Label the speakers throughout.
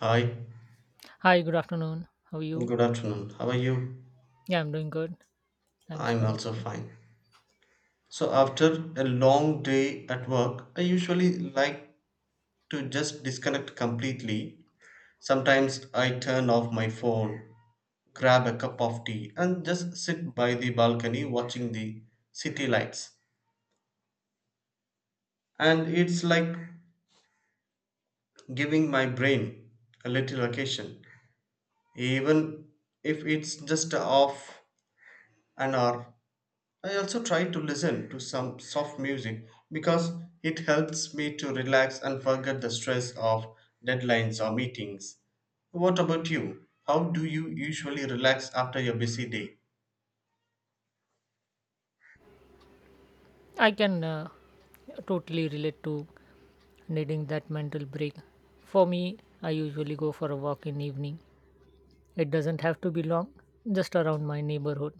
Speaker 1: Hi,
Speaker 2: Hi, good afternoon. How are you?
Speaker 1: good afternoon. How are you?
Speaker 2: Yeah, I'm doing good. Thanks
Speaker 1: I'm
Speaker 2: for
Speaker 1: also
Speaker 2: asking.
Speaker 1: fine. So, after a long day at work, I usually like to just disconnect completely. Sometimes I turn off my phone, grab a cup of tea, and just sit by the balcony watching the city lights. And it's like giving my brain a little vacation, even if it's just off an hour. I also try to listen to some soft music because it helps me to relax and forget the stress of deadlines or meetings. What about you? How do you usually relax after your busy day?
Speaker 2: I can totally relate to needing that mental break. For me, I usually go for a walk in evening. It doesn't have to be long, just around my neighborhood.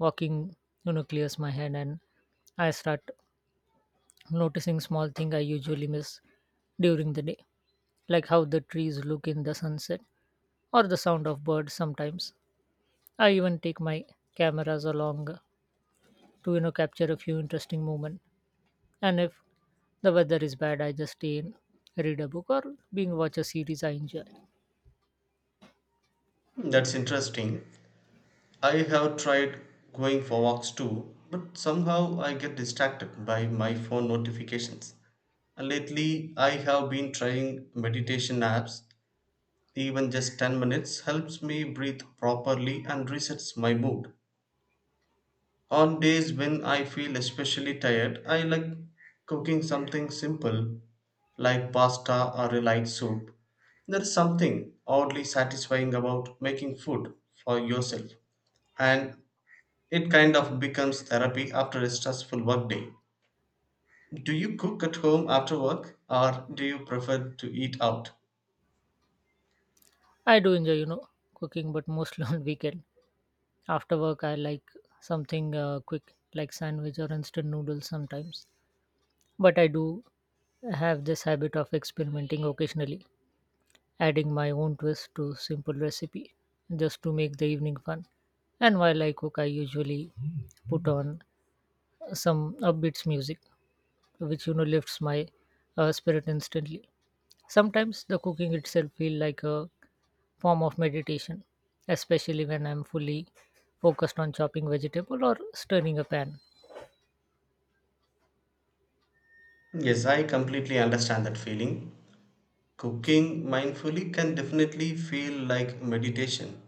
Speaker 2: Walking, you know, clears my head and I start noticing small thing I usually miss during the day, like how the trees look in the sunset or the sound of birds sometimes. I even take my cameras along to capture a few interesting moment. And if the weather is bad, I just stay in, read a book or being watch a series I enjoy.
Speaker 1: Hmm. That's interesting. I have tried going for walks too, but somehow I get distracted by my phone notifications. And lately, I have been trying meditation apps. Even just 10 minutes helps me breathe properly and resets my mood. On days when I feel especially tired, I like cooking something simple like pasta or a light soup. There is something oddly satisfying about making food for yourself, and it kind of becomes therapy after a stressful work day. Do you cook at home after work, or do you prefer to eat out?
Speaker 2: I do enjoy cooking but mostly on weekend. After work I like something quick like sandwich or instant noodles sometimes, but I do have this habit of experimenting occasionally, adding my own twist to simple recipe just to make the evening fun. And while I cook I usually put on some upbeats music, which lifts my spirit instantly. Sometimes the cooking itself feel like a form of meditation, especially when I'm fully focused on chopping vegetable or stirring a pan.
Speaker 1: Yes, I completely understand that feeling. Cooking mindfully can definitely feel like meditation.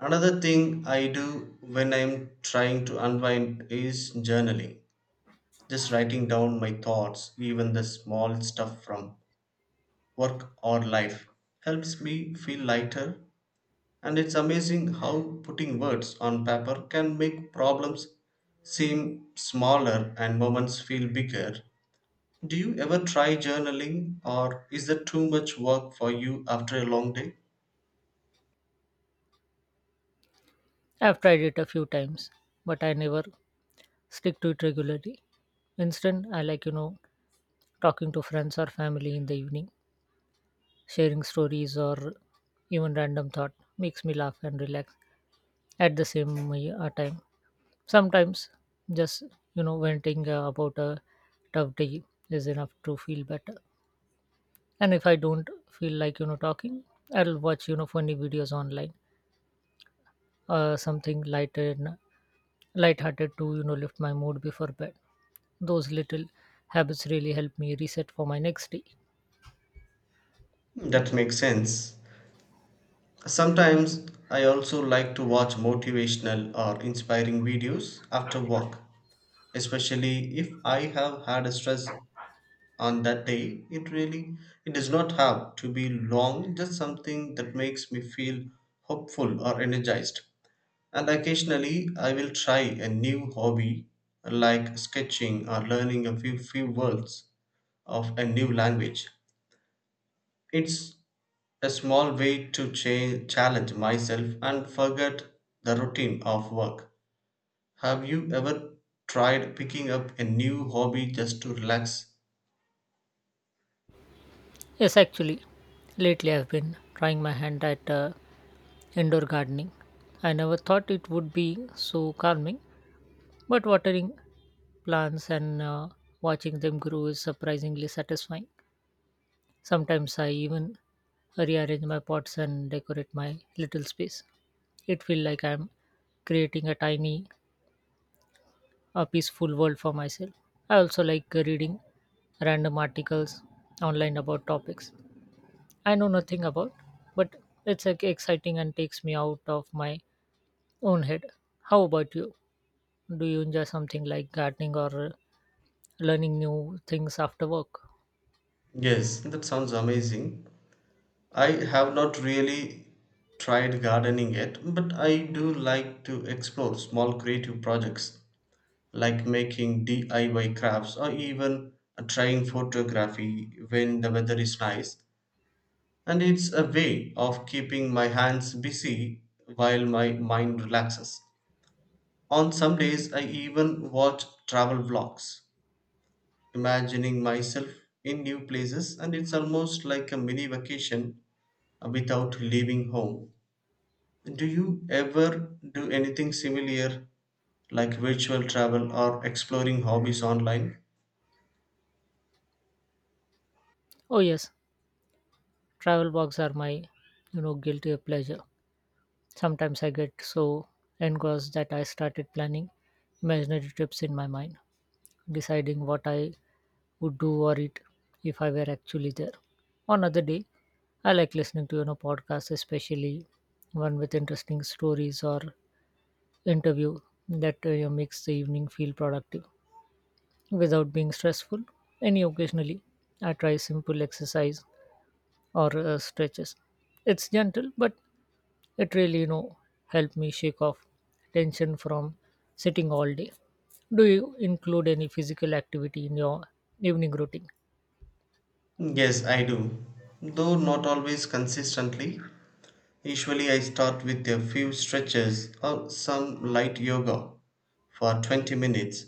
Speaker 1: Another thing I do when I'm trying to unwind is journaling. Just writing down my thoughts, even the small stuff from work or life, helps me feel lighter. And it's amazing how putting words on paper can make problems seem smaller and moments feel bigger. Do you ever try journaling, or is that too much work for you after a long day?
Speaker 2: I've tried it a few times but I never stick to it regularly. Instead I like talking to friends or family in the evening, sharing stories or even random thought makes me laugh and relax at the same time. Sometimes just venting about a tough day is enough to feel better. And if I don't feel like talking, I'll watch funny videos online, something lighter and lighthearted to lift my mood before bed. Those little habits really help me reset for my next day.
Speaker 1: Hmm. That makes sense. Sometimes I also like to watch motivational or inspiring videos after work, especially if I have had a stress on that day. It does not have to be long, just something that makes me feel hopeful or energized. And occasionally I will try a new hobby like sketching or learning a few words of a new language. It's a small way to challenge myself and forget the routine of work. Have you ever tried picking up a new hobby just to relax?
Speaker 2: Yes, actually, lately I've been trying my hand at indoor gardening. I never thought it would be so calming, but watering plants and watching them grow is surprisingly satisfying. Sometimes I even rearrange my pots and decorate my little space. It feels like I'm creating a tiny, a peaceful world for myself. I also like reading random articles online about topics I know nothing about, but it's like exciting and takes me out of my own head. How about you? Do you enjoy something like gardening or learning new things after work?
Speaker 1: Yes, that sounds amazing. I have not really tried gardening yet, but I do like to explore small creative projects like making DIY crafts or even trying photography when the weather is nice. And it's a way of keeping my hands busy while my mind relaxes. On some days, I even watch travel vlogs, imagining myself in new places, and it's almost like a mini vacation without leaving home. Do you ever do anything similar, like virtual travel or exploring hobbies online?
Speaker 2: Oh, yes, travel blogs are my, you know, guilty pleasure. Sometimes I get so engrossed that I started planning imaginary trips in my mind, deciding what I would do or eat if I were actually there. On other day, I like listening to podcasts, especially one with interesting stories or interview that makes the evening feel productive without being stressful. Any occasionally, I try simple exercise or stretches. It's gentle but it really, helped me shake off tension from sitting all day. Do you include any physical activity in your evening routine?
Speaker 1: Yes, I do, though not always consistently. Usually I start with a few stretches or some light yoga for 20 minutes,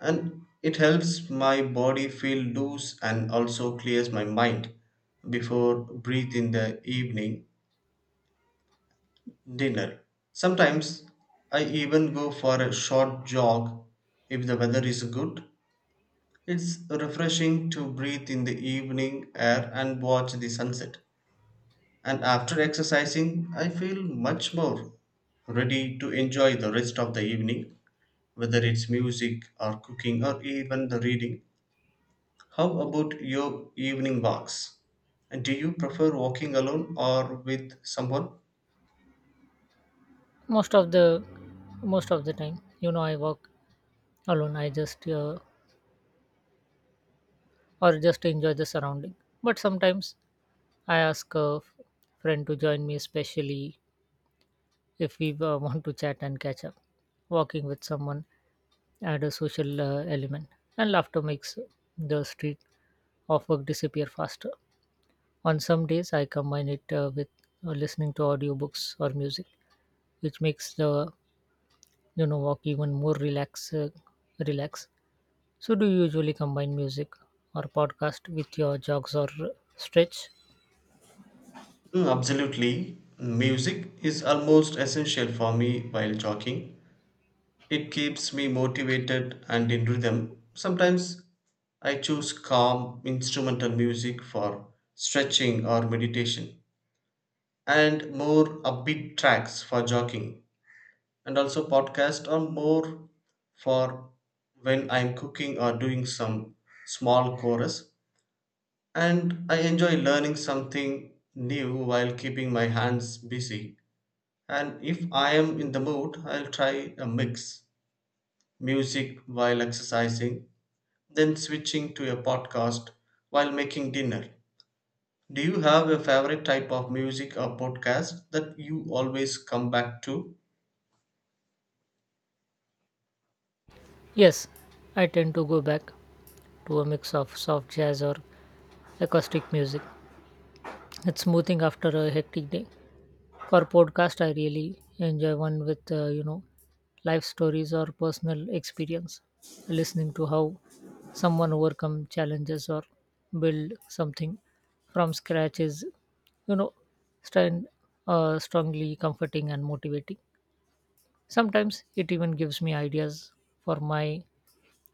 Speaker 1: and it helps my body feel loose and also clears my mind before breathe in the evening dinner. Sometimes I even go for a short jog if the weather is good. It's refreshing to breathe in the evening air and watch the sunset. And after exercising, I feel much more ready to enjoy the rest of the evening, whether it's music or cooking or even the reading. How about your evening walks? And do you prefer walking alone or with someone?
Speaker 2: Most of the most of the time, I work alone. I just or just enjoy the surrounding. But sometimes I ask friend to join me, especially if we want to chat and catch up. Walking with someone add a social element, and laughter makes the street of work disappear faster. On some days, I combine it with listening to audiobooks or music, which makes the walk even more relax. So, do you usually combine music or podcast with your jogs or stretch?
Speaker 1: Mm, absolutely. Music is almost essential for me while jogging. It keeps me motivated and in rhythm. Sometimes I choose calm instrumental music for stretching or meditation, and more upbeat tracks for jogging. And also podcast are more for when I'm cooking or doing some small chorus, and I enjoy learning something new while keeping my hands busy. And if I am in the mood, I'll try a mix music while exercising, then switching to a podcast while making dinner. Do you have a favorite type of music or podcast that you always come back to?
Speaker 2: Yes, I tend to go back to a mix of soft jazz or acoustic music. It's smoothing after a hectic day. For podcast, I really enjoy one with life stories or personal experience. Listening to how someone overcome challenges or build something from scratch is you know stand strongly comforting and motivating. Sometimes it even gives me ideas for my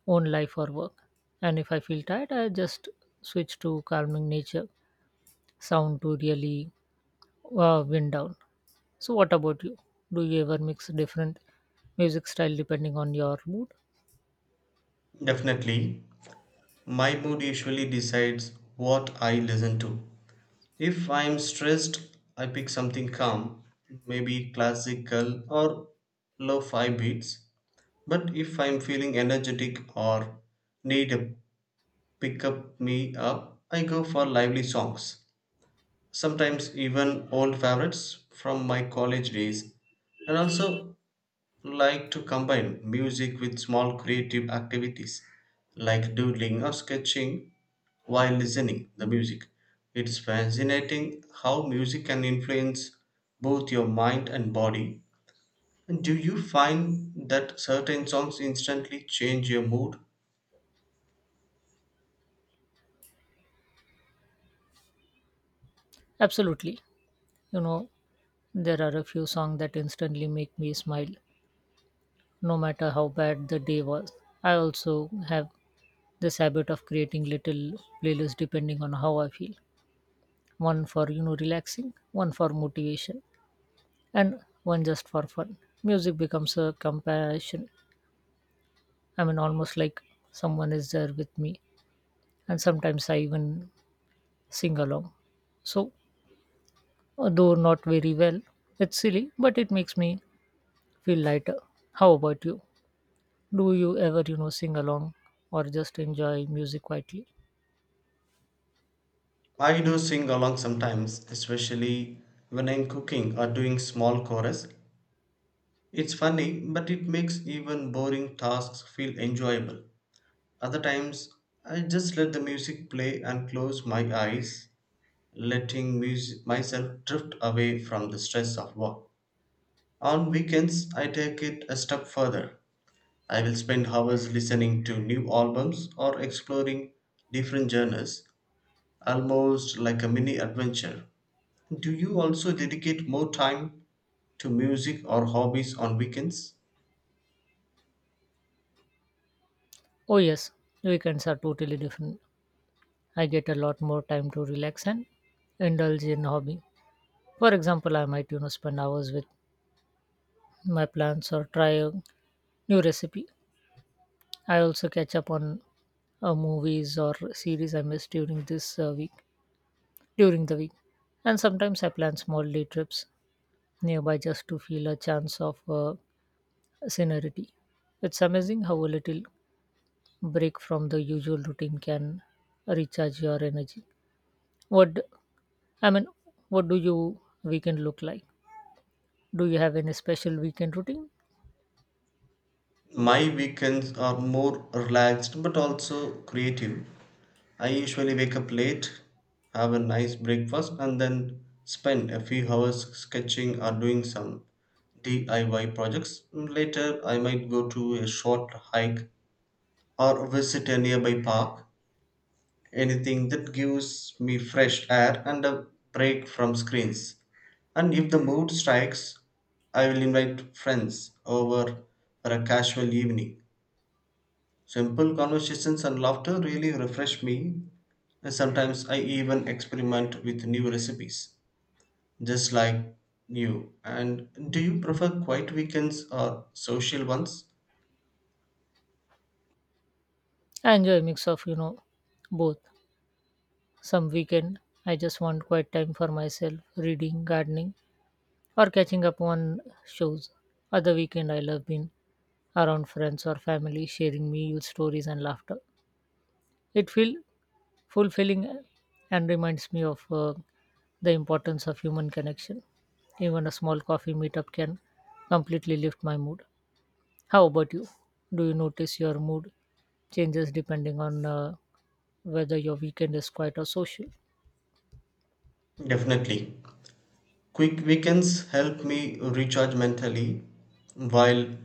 Speaker 2: own life or work. And if I feel tired, I just switch to calming nature sound to really wind down. So, what about you? Do you ever mix different music style depending on your mood?
Speaker 1: Definitely, my mood usually decides what I listen to. If I'm stressed, I pick something calm, maybe classical or low fi beats. But if I'm feeling energetic or need a pick up me up, I go for lively songs. Sometimes even old favorites from my college days. And also like to combine music with small creative activities like doodling or sketching while listening the music. It's fascinating how music can influence both your mind and body. And do you find that certain songs instantly change your mood?
Speaker 2: Absolutely. You know, there are a few songs that instantly make me smile, no matter how bad the day was. I also have this habit of creating little playlists depending on how I feel. One for relaxing, one for motivation, and one just for fun. Music becomes a compassion. I mean, almost like someone is there with me, and sometimes I even sing along. So, though not very well. It's silly, but it makes me feel lighter. How about you? Do you ever, you know, sing along or just enjoy music quietly?
Speaker 1: I do sing along sometimes, especially when I'm cooking or doing small chorus. It's funny, but it makes even boring tasks feel enjoyable. Other times, I just let the music play and close my eyes, letting myself drift away from the stress of work. On weekends, I take it a step further. I will spend hours listening to new albums or exploring different genres, almost like a mini adventure. Do you also dedicate more time to music or hobbies on weekends?
Speaker 2: Oh, yes, weekends are totally different. I get a lot more time to relax and indulge in hobby. For example, I might, you know, spend hours with my plants or try a new recipe. I also catch up on movies or series I missed during the week. And sometimes I plan small day trips nearby just to feel a chance of scenery. It's amazing how a little break from the usual routine can recharge your energy. What I mean, what do you weekend look like? Do you have any special weekend routine?
Speaker 1: My weekends are more relaxed but also creative. I usually wake up late, have a nice breakfast, and then spend a few hours sketching or doing some DIY projects. Later, I might go to a short hike or visit a nearby park. Anything that gives me fresh air and a break from screens. And if the mood strikes, I will invite friends over for a casual evening. Simple conversations and laughter really refresh me. And sometimes I even experiment with new recipes, just like you. And do you prefer quiet weekends or social ones?
Speaker 2: I enjoy a mix of both. Some weekend I just want quiet time for myself, reading, gardening, or catching up on shows. Other weekend I love being around friends or family, sharing meal stories and laughter. It feels fulfilling and reminds me of the importance of human connection. Even a small coffee meetup can completely lift my mood. How about you? Do you notice your mood changes depending on whether your weekend is quiet or social?
Speaker 1: Definitely. Quick weekends help me recharge mentally, while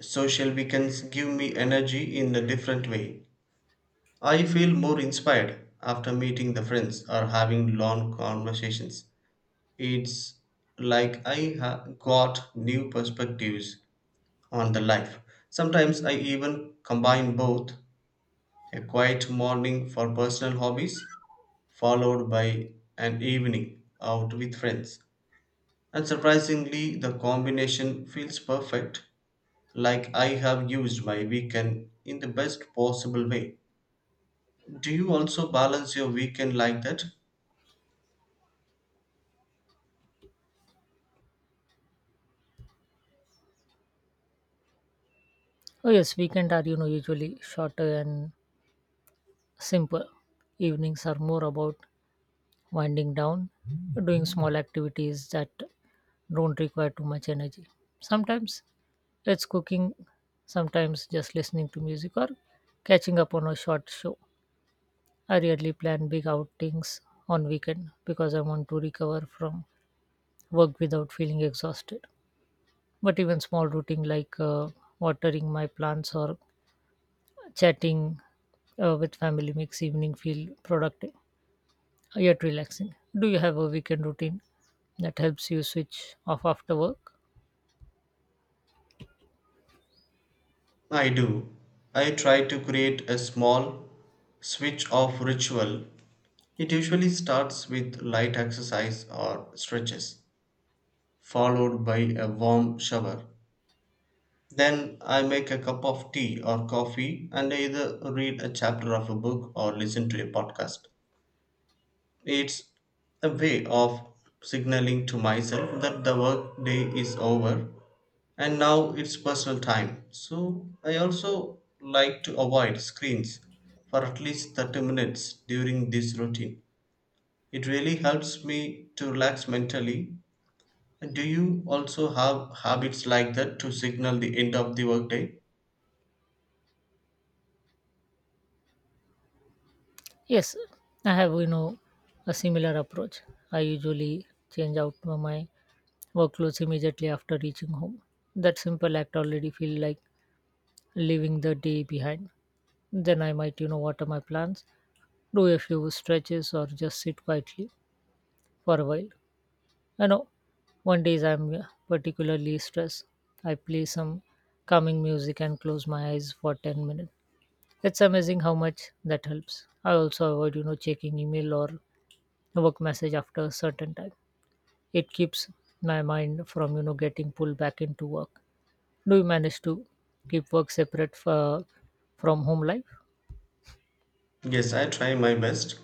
Speaker 1: social weekends give me energy in a different way. I feel more inspired after meeting the friends or having long conversations. It's like I got new perspectives on the life. Sometimes I even combine both, a quiet morning for personal hobbies, followed by an evening out with friends. And surprisingly, the combination feels perfect, like I have used my weekend in the best possible way. Do you also balance your weekend like that?
Speaker 2: Oh yes, weekend are usually shorter and simple. Evenings are more about winding down, doing small activities that don't require too much energy. Sometimes it's cooking, sometimes just listening to music or catching up on a short show. I rarely plan big outings on weekend because I want to recover from work without feeling exhausted. But even small routine like watering my plants or chatting with family makes evening feel productive yet relaxing. Do you have a weekend routine that helps you switch off after work?
Speaker 1: I do. I try to create a small switch off ritual. It usually starts with light exercise or stretches, followed by a warm shower. Then I make a cup of tea or coffee and either read a chapter of a book or listen to a podcast. It's a way of signaling to myself that the work day is over and now it's personal time. So I also like to avoid screens for at least 30 minutes during this routine. It really helps me to relax mentally. Do you also have habits like that to signal the end of the workday?
Speaker 2: Yes, I have a similar approach. I usually change out my workloads immediately after reaching home. That simple act already feel like leaving the day behind. Then I might, you know, water my plants, do a few stretches, or just sit quietly for a while. I know one days I'm particularly stressed. I play some calming music and close my eyes for 10 minutes. It's amazing how much that helps. I also avoid, you know, checking email or work message after a certain time. It keeps my mind from, you know, getting pulled back into work. Do you manage to keep work separate from home life?
Speaker 1: Yes, I try my best.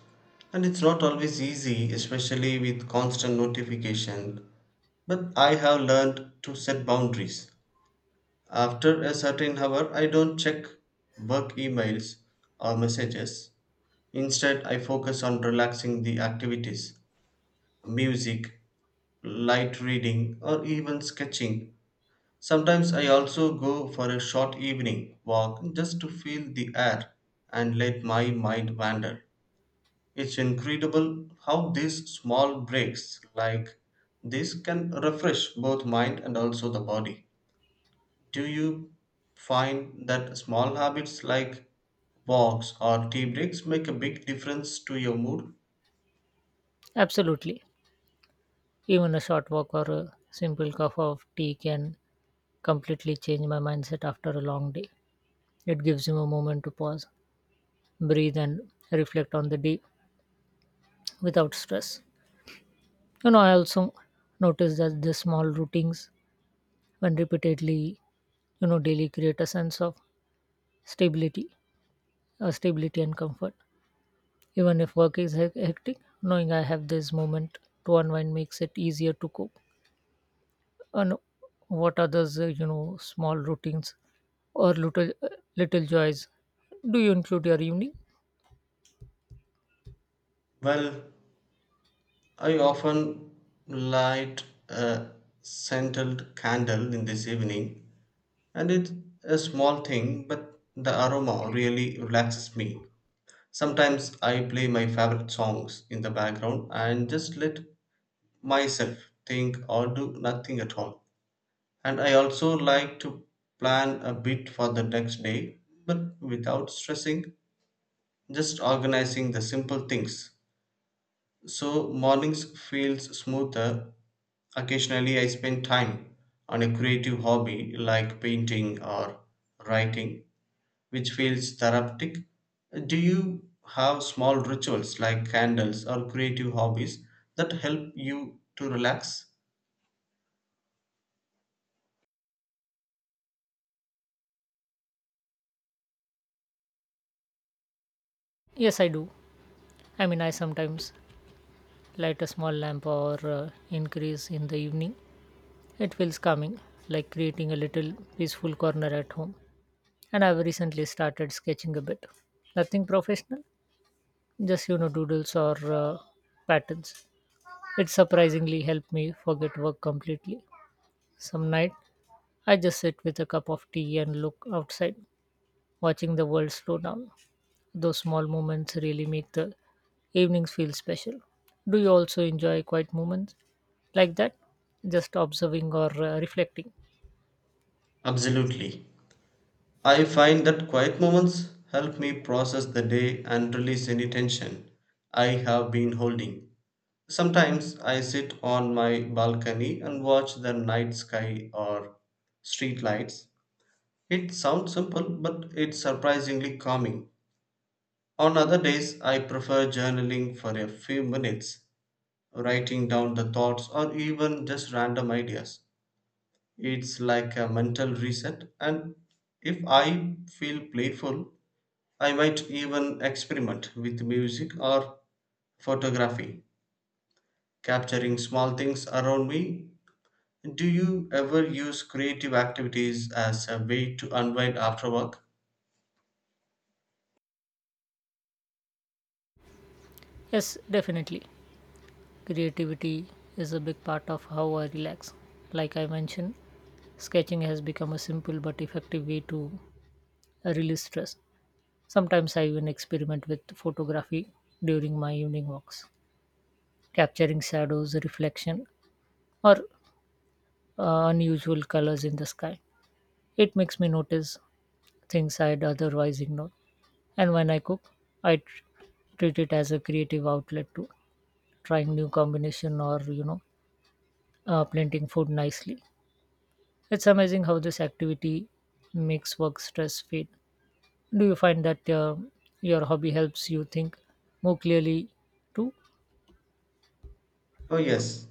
Speaker 1: And it's not always easy, especially with constant notification. But I have learned to set boundaries. After a certain hour, I don't check work emails or messages. Instead, I focus on relaxing the activities, music, light reading, or even sketching. Sometimes I also go for a short evening walk just to feel the air and let my mind wander. It's incredible how these small breaks like this can refresh both mind and also the body. Do you find that small habits like walks or tea breaks make a big difference to your mood?
Speaker 2: Absolutely. Even a short walk or a simple cup of tea can completely change my mindset after a long day. It gives me a moment to pause, breathe, and reflect on the day without stress. You know, I also notice that the small routines, when repeatedly, you know, daily create a sense of stability, stability and comfort. Even if work is hectic, knowing I have this moment to unwind makes it easier to cope. And what are those small routines or little joys do you include your evening?
Speaker 1: Well, I often light a scented candle in this evening, and it's a small thing, but the aroma really relaxes me. Sometimes I play my favorite songs in the background and just let myself think or do nothing at all. And I also like to plan a bit for the next day, but without stressing, just organizing the simple things so mornings feels smoother. Occasionally I spend time on a creative hobby like painting or writing, which feels therapeutic. Do you have small rituals like candles or creative hobbies that help you to relax?
Speaker 2: Yes I do. I mean, I sometimes light a small lamp or increase in the evening. It feels calming, like creating a little peaceful corner at home. And I've recently started sketching a bit, nothing professional, just doodles or patterns. It surprisingly helped me forget work completely. Some night I just sit with a cup of tea and look outside. Watching the world slow down, those small moments really make the evenings feel special. Do you also enjoy quiet moments like that? Just observing or reflecting?
Speaker 1: Absolutely. I find that quiet moments help me process the day and release any tension I have been holding. Sometimes I sit on my balcony and watch the night sky or street lights. It sounds simple, but it's surprisingly calming. On other days, I prefer journaling for a few minutes, writing down the thoughts or even just random ideas. It's like a mental reset, and if I feel playful, I might even experiment with music or photography, capturing small things around me. Do you ever use creative activities as a way to unwind after work?
Speaker 2: Yes, definitely. Creativity is a big part of how I relax. Like I mentioned, sketching has become a simple but effective way to release stress. Sometimes I even experiment with photography during my evening walks, capturing shadows, reflection, or unusual colors in the sky. It makes me notice things I'd otherwise ignore. And when I cook, I tr- treat it as a creative outlet to trying new combination or planting food nicely. It's amazing how this activity makes work stress fade. Do you find that your hobby helps you think more clearly too?
Speaker 1: Oh, yes.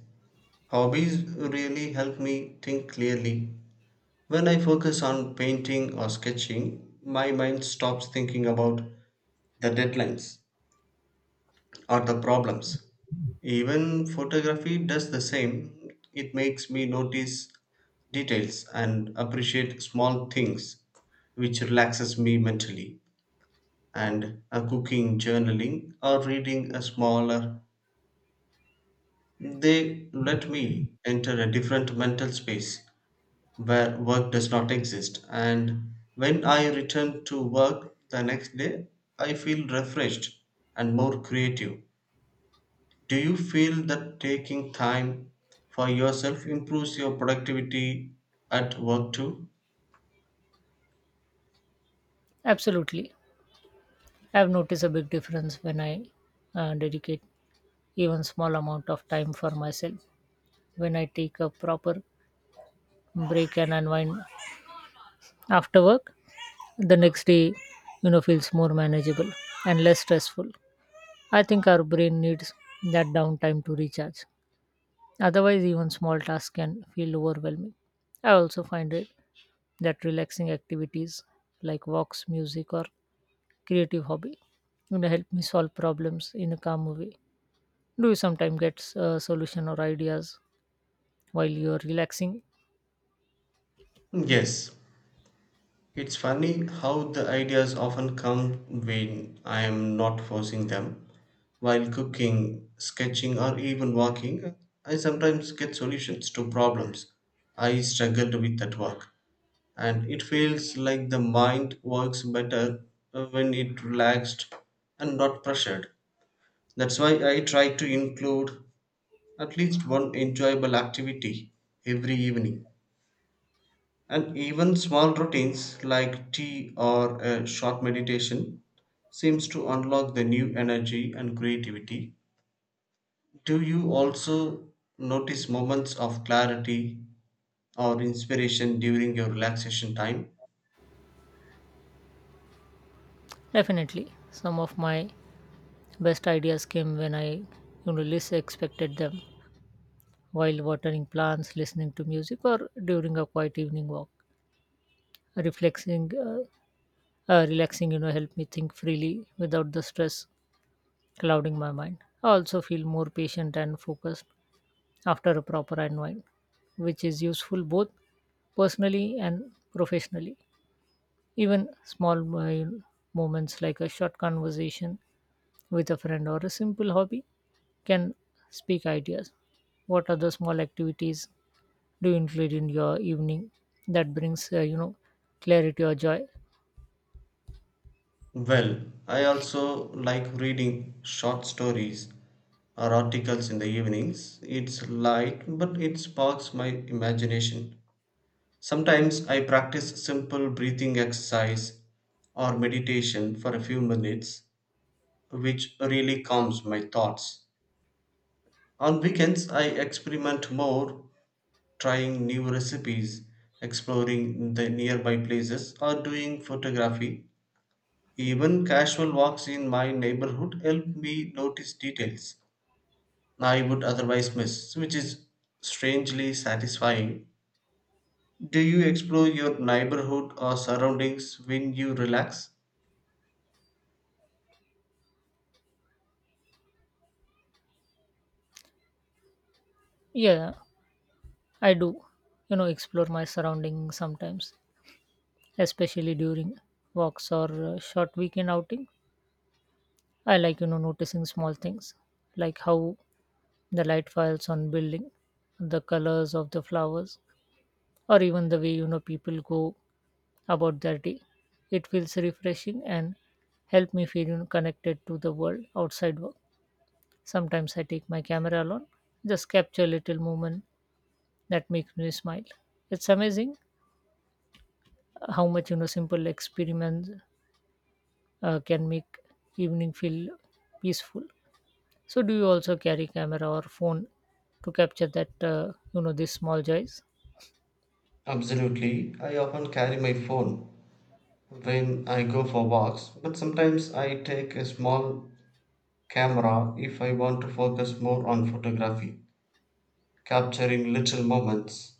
Speaker 1: Hobbies really help me think clearly. When I focus on painting or sketching, my mind stops thinking about the deadlines or the problems. Even photography does the same. It makes me notice details and appreciate small things, which relaxes me mentally. And a cooking, journaling, or reading a smaller, they let me enter a different mental space where work does not exist. And when I return to work the next day, I feel refreshed and more creative. Do you feel that taking time for yourself improves your productivity at work too?
Speaker 2: Absolutely. I've noticed a big difference when I dedicate even small amount of time for myself. When I take a proper break and unwind after work, the next day feels more manageable and less stressful. I think our brain needs that downtime to recharge, otherwise even small tasks can feel overwhelming. I also find it that relaxing activities like walks, music, or creative hobby, help me solve problems in a calm way. Do you sometimes get solution or ideas while you're relaxing?
Speaker 1: Yes. It's funny how the ideas often come when I am not forcing them. While cooking, sketching, or even walking, I sometimes get solutions to problems I struggled with at work. And it feels like the mind works better when it relaxed and not pressured. That's why I try to include at least one enjoyable activity every evening. And even small routines like tea or a short meditation seems to unlock the new energy and creativity. Do you also notice moments of clarity or inspiration during your relaxation time?
Speaker 2: Definitely. Some of my best ideas came when I least expected them, while watering plants, listening to music, or during a quiet evening walk. Reflexing, uh, relaxing, you know, help me think freely without the stress clouding my mind. I also feel more patient and focused after a proper unwind, which is useful both personally and professionally. Even small moments like a short conversation with a friend or a simple hobby can speak ideas. What are the small activities do you include in your evening that brings clarity or joy?
Speaker 1: Well, I also like reading short stories or articles in the evenings. It's light, but it sparks my imagination. Sometimes I practice simple breathing exercise or meditation for a few minutes, which really calms my thoughts. On weekends, I experiment more, trying new recipes, exploring the nearby places, or doing photography. Even casual walks in my neighborhood help me notice details I would otherwise miss, which is strangely satisfying. Do you explore your neighborhood or surroundings when you relax?
Speaker 2: Yeah, I do explore my surroundings sometimes, especially during walks or short weekend outing. I like noticing small things like how the light falls on building, the colors of the flowers, or even the way people go about their day. It feels refreshing and help me feel, you know, connected to the world outside work. Sometimes I take my camera along, just capture little moment that makes me smile. It's amazing how much simple experiments can make evening feel peaceful. So, do you also carry camera or phone to capture that these small joys?
Speaker 1: Absolutely. I often carry my phone when I go for walks, but sometimes I take a small camera if I want to focus more on photography, capturing little moments,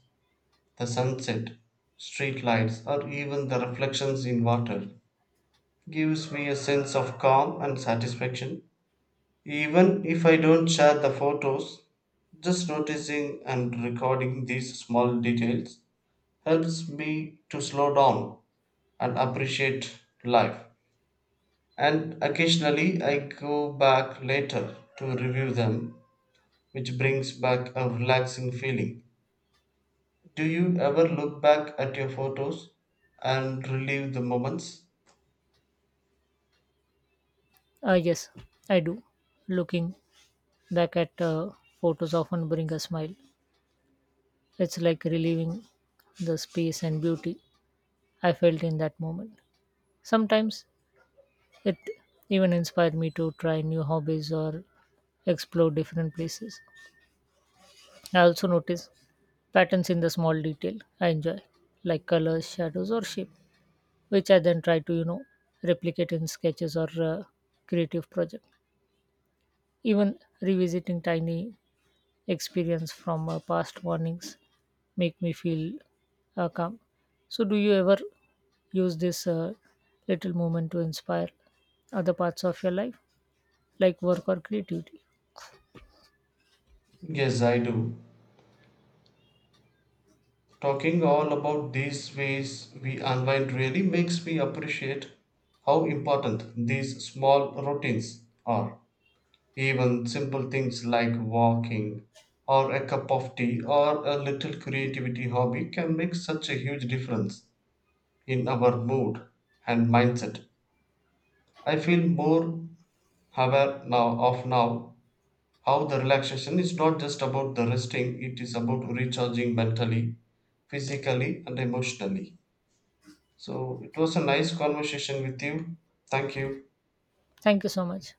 Speaker 1: the sunset, street lights, or even the reflections in water. Gives me a sense of calm and satisfaction. Even if I don't share the photos, just noticing and recording these small details helps me to slow down and appreciate life. And occasionally I go back later to review them, which brings back a relaxing feeling. Do you ever look back at your photos and relive the moments?
Speaker 2: Yes, I do. Looking back at photos often bring a smile. It's like relieving the space and beauty I felt in that moment. Sometimes it even inspired me to try new hobbies or explore different places. I also notice patterns in the small detail I enjoy, like colors, shadows, or shape, which I then try to, you know, replicate in sketches or creative project. Even revisiting tiny experience from past warnings make me feel calm. So, do you ever use this little moment to inspire other parts of your life, like work or creativity?
Speaker 1: Yes, I do. Talking all about these ways we unwind really makes me appreciate how important these small routines are. Even simple things like walking or a cup of tea or a little creativity hobby can make such a huge difference in our mood and mindset. I feel more aware now of now how the relaxation is not just about the resting, it is about recharging mentally, physically and emotionally. So it was a nice conversation with you. Thank you.
Speaker 2: Thank you so much.